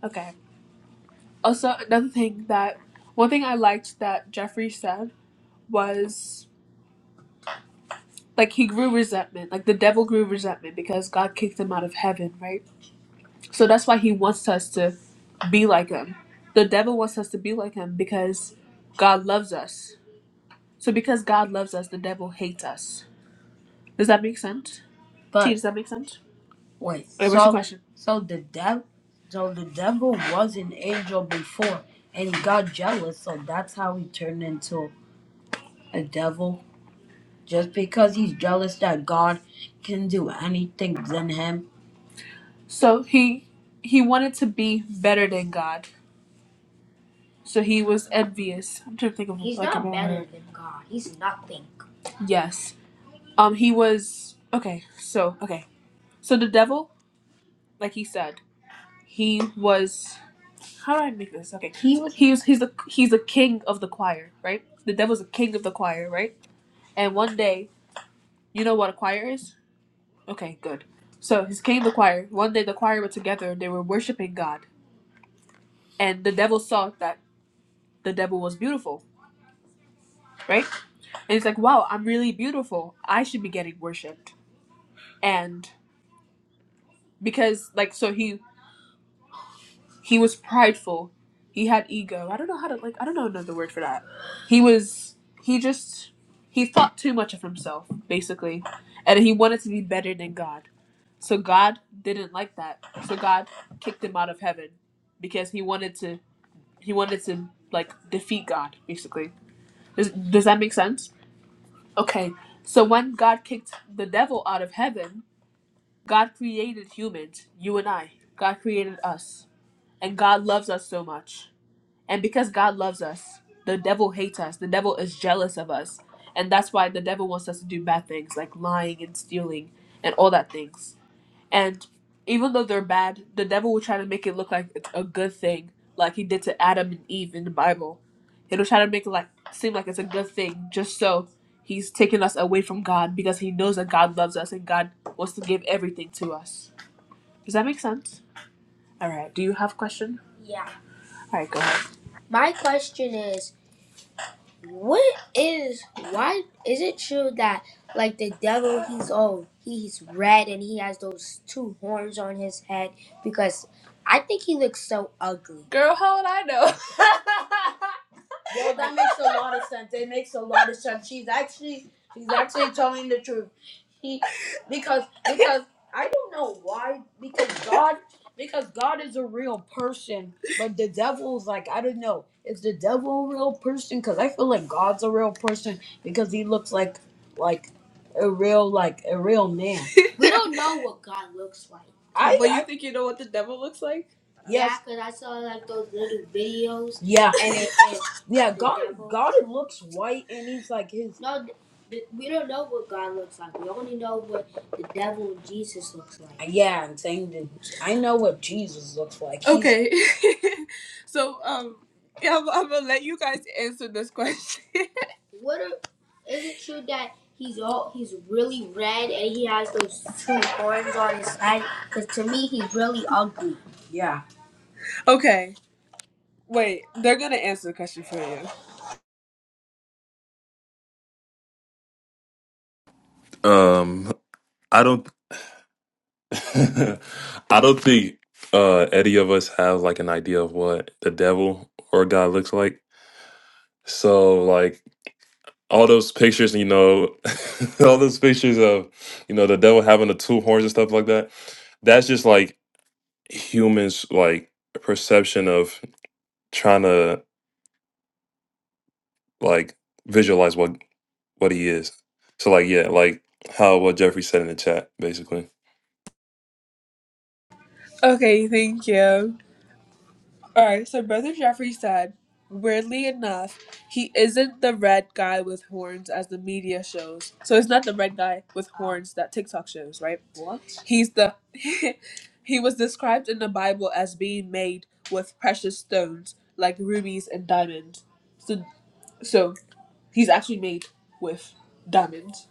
Okay. Also, another thing that one thing I liked that Jeffrey said was like he grew resentment, like the devil grew resentment because God kicked him out of heaven, right? So that's why he wants us to be like him. The devil wants us to be like him because God loves us. So because God loves us, the devil hates us. Does that make sense? T, But does that make sense? wait, Wait, what's your so question? so the dev so the devil was an angel before and he got jealous, so that's how he turned into a devil. Just because he's jealous that God can do anything than him. So he he wanted to be better than God. So he was envious. I'm trying to think of He's like a not more better word. than God. He's nothing. Yes. Um he was okay, so okay. So the devil, like he said. He was how do I make this? Okay. He was He was he's a he's a king of the choir, right? The devil's a king of the choir, right? And one day, you know what a choir is? Okay, good. So he's king of the choir. One day the choir were together and they were worshiping God. And the devil saw that the devil was beautiful, right? And he's like, wow, I'm really beautiful. I should be getting worshipped." And because, like, so he He was prideful. He had ego. I don't know how to like I don't know another word for that. He was he just he thought too much of himself, basically. And he wanted to be better than God. So God didn't like that. So God kicked him out of heaven because he wanted to he wanted to like defeat God, basically. Does does that make sense? Okay. So when God kicked the devil out of heaven, God created humans, you and I. God created us. And God loves us so much and because God loves us, the devil hates us. The devil is jealous of us. And that's why the devil wants us to do bad things like lying and stealing and all that things. And even though they're bad, the devil will try to make it look like it's a good thing, like he did to Adam and Eve in the Bible. He'll try to make it like seem like it's a good thing just so he's taking us away from God because he knows that God loves us and God wants to give everything to us. Does that make sense? All right. Do you have a question? Yeah. All right, go ahead. My question is. What is why is it true that like the devil he's old. he's red and he has those two horns on his head because I think he looks so ugly. Girl, how would I know? Well, that makes a lot of sense. It makes a lot of sense. She's actually she's actually telling the truth. He because because I don't know why because God because God is a real person, but the devil's like I don't know. Is the devil a real person? Because I feel like God's a real person because he looks like like a real like a real man. We don't know what God looks like. I, But I you I- think you know what the devil looks like? yes. Yeah, because I saw like those little videos. Yeah. And it, yeah, God. example. God looks white, and he's like his. No, th- th- we don't know what God looks like. We only know what the devil and Jesus looks like. Yeah, I'm saying that I know what Jesus looks like. He's Okay. so um yeah, I'm, I'm gonna let you guys answer this question. What are, is it true that he's all he's really red and he has those two horns on his head? Because to me, he's really ugly. yeah. okay. Wait, they're gonna answer the question for you. Um, I don't. I don't think uh any of us have like an idea of what the devil or God looks like. So like all those pictures, you know, all those pictures of you know the devil having the two horns and stuff like that. That's just like humans like perception of trying to like visualize what what he is. So like yeah, like how what Jeffrey said in the chat, basically. Okay, thank you. Alright, so Brother Jeffrey said, weirdly enough, he isn't the red guy with horns as the media shows. So it's not the red guy with horns that TikTok shows, right? What? He's the. he was described in the Bible as being made with precious stones, like rubies and diamonds. So, so he's actually made with diamonds.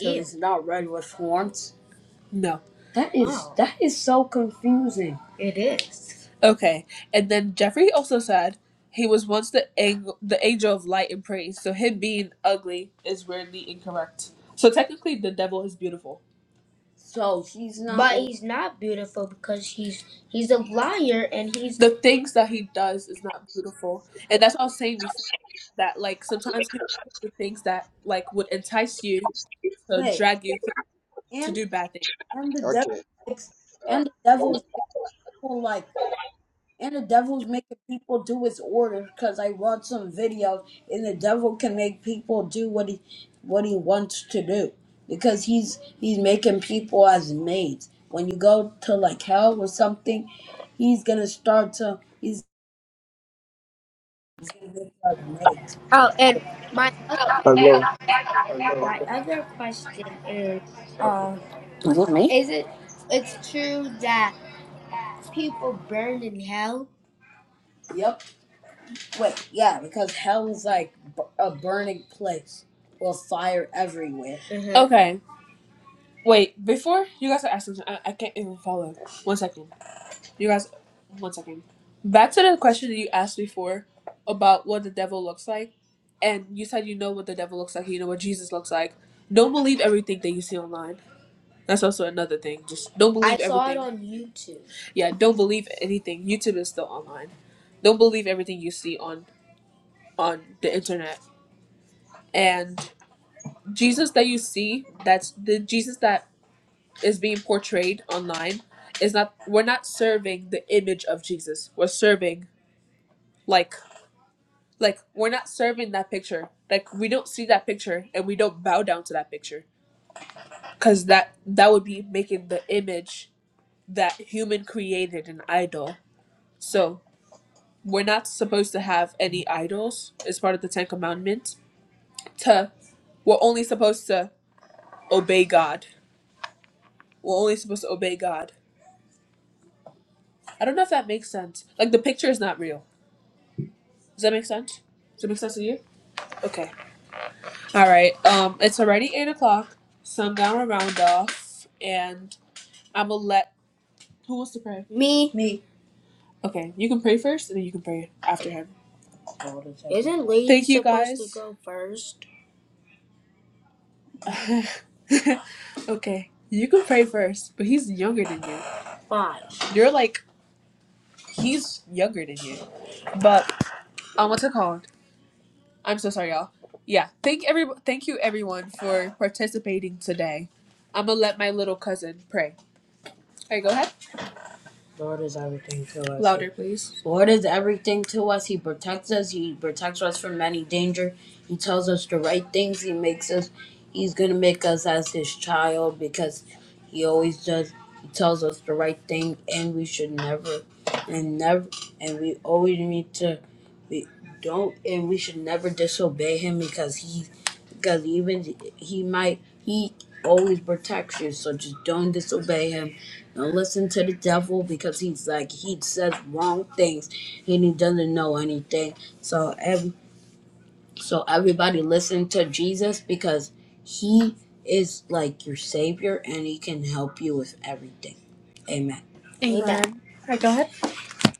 So Ew. he's not red with horns. No. That is Wow. that is so confusing. It is. Okay. And then Jeffrey also said he was once the angel, the angel of light and praise. So him being ugly is weirdly incorrect. So technically, the devil is beautiful. So he's not But he's not beautiful because he's he's a liar and he's The things that he does is not beautiful, and that's what I was saying before. That like sometimes he do the things that like would entice you to wait. drag you to and do bad things. and the Okay. devil makes and the devil is making people like and the devil's making people do his orders because I want some videos and the devil can make people do what he what he wants to do because he's he's making people as maids. When you go to like hell or something, he's gonna start to he's gonna make you as maid. Oh, and my other question, Are my other question is, um, is it it's true that people burned in hell? Yep. Wait, yeah, because hell is like b- a burning place with fire everywhere. hmm Okay. Wait, before you guys are asking, I, I can't even follow. One second. You guys, one second. Back to the question that you asked before about what the devil looks like. And you said you know what the devil looks like, you know what Jesus looks like. Don't believe everything that you see online. That's also another thing. Just don't believe. I saw it everything. on YouTube. Yeah, don't believe anything. YouTube is still online. Don't believe everything you see on on the internet. And Jesus that you see, that's the Jesus that is being portrayed online is not we're not serving the image of Jesus. We're serving like like we're not serving that picture. Like we don't see that picture and we don't bow down to that picture cuz that that would be making the image that human created an idol. So. we're not supposed to have any idols as part of the Ten Commandments. To we're only supposed to obey God. We're only supposed to obey God. I don't know if that makes sense. Like the picture is not real. Does that make sense? Does it make sense to you? Okay. All right. Um, it's already eight o'clock. So I'm gonna round off, and I'm gonna let. Who wants to pray? Me. Me. Okay, you can pray first, and then you can pray after him. Isn't Lee Thank you supposed guys. to go first? okay, you can pray first, but he's younger than you. Fine. You're like he's younger than you. But um, what's it called? I'm so sorry, y'all. Yeah, thank every thank you everyone for participating today. I'm gonna let my little cousin pray. All right, go ahead. Lord is everything to us. Louder, please. Lord is everything to us. He protects us. He protects us from any danger. He tells us the right things. He makes us. He's gonna make us as his child because he always does. He tells us the right thing, and we should never, and never, and we always need to. We don't, and we should never disobey him because he, because even he might he always protects you. So just don't disobey him don't listen to the devil because he's like he says wrong things and he doesn't know anything. So every so everybody listen to Jesus because he is like your savior and he can help you with everything. Amen. Amen. Alright, go ahead.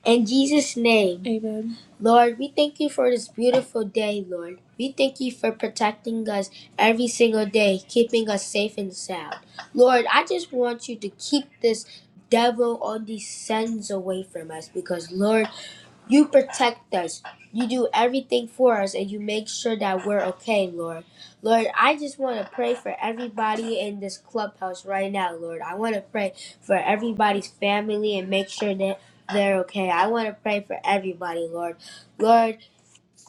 In Jesus' name, Amen. Lord, we thank you for this beautiful day, Lord. We thank you for protecting us every single day, keeping us safe and sound. Lord, I just want you to keep this devil all these sins away from us because, Lord, you protect us. You do everything for us and you make sure that we're okay, Lord. Lord, I just want to pray for everybody in this clubhouse right now, Lord. I want to pray for everybody's family and make sure that they're okay. I want to pray for everybody, Lord. Lord,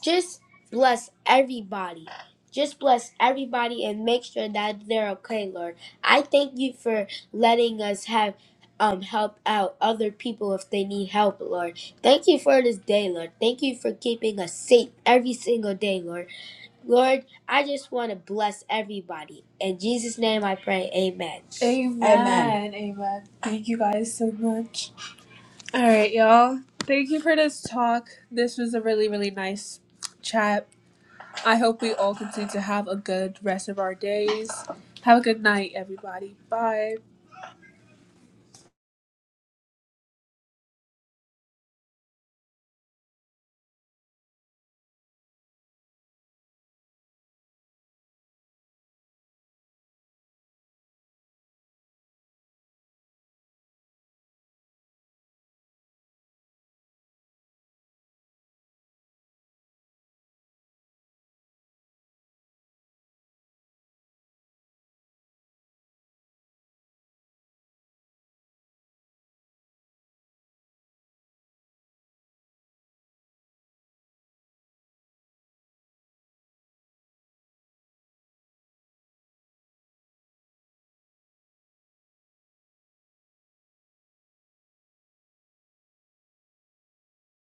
just bless everybody. Just bless everybody and make sure that they're okay, Lord. I thank you for letting us have um help out other people if they need help, Lord. Thank you for this day, Lord. Thank you for keeping us safe every single day, Lord. Lord, I just want to bless everybody. In Jesus' name I pray, amen. Amen. Amen. Amen. Thank you guys so much. All right, y'all. Thank you for this talk. This was a really, really nice chat. I hope we all continue to have a good rest of our days. Have a good night, everybody. Bye.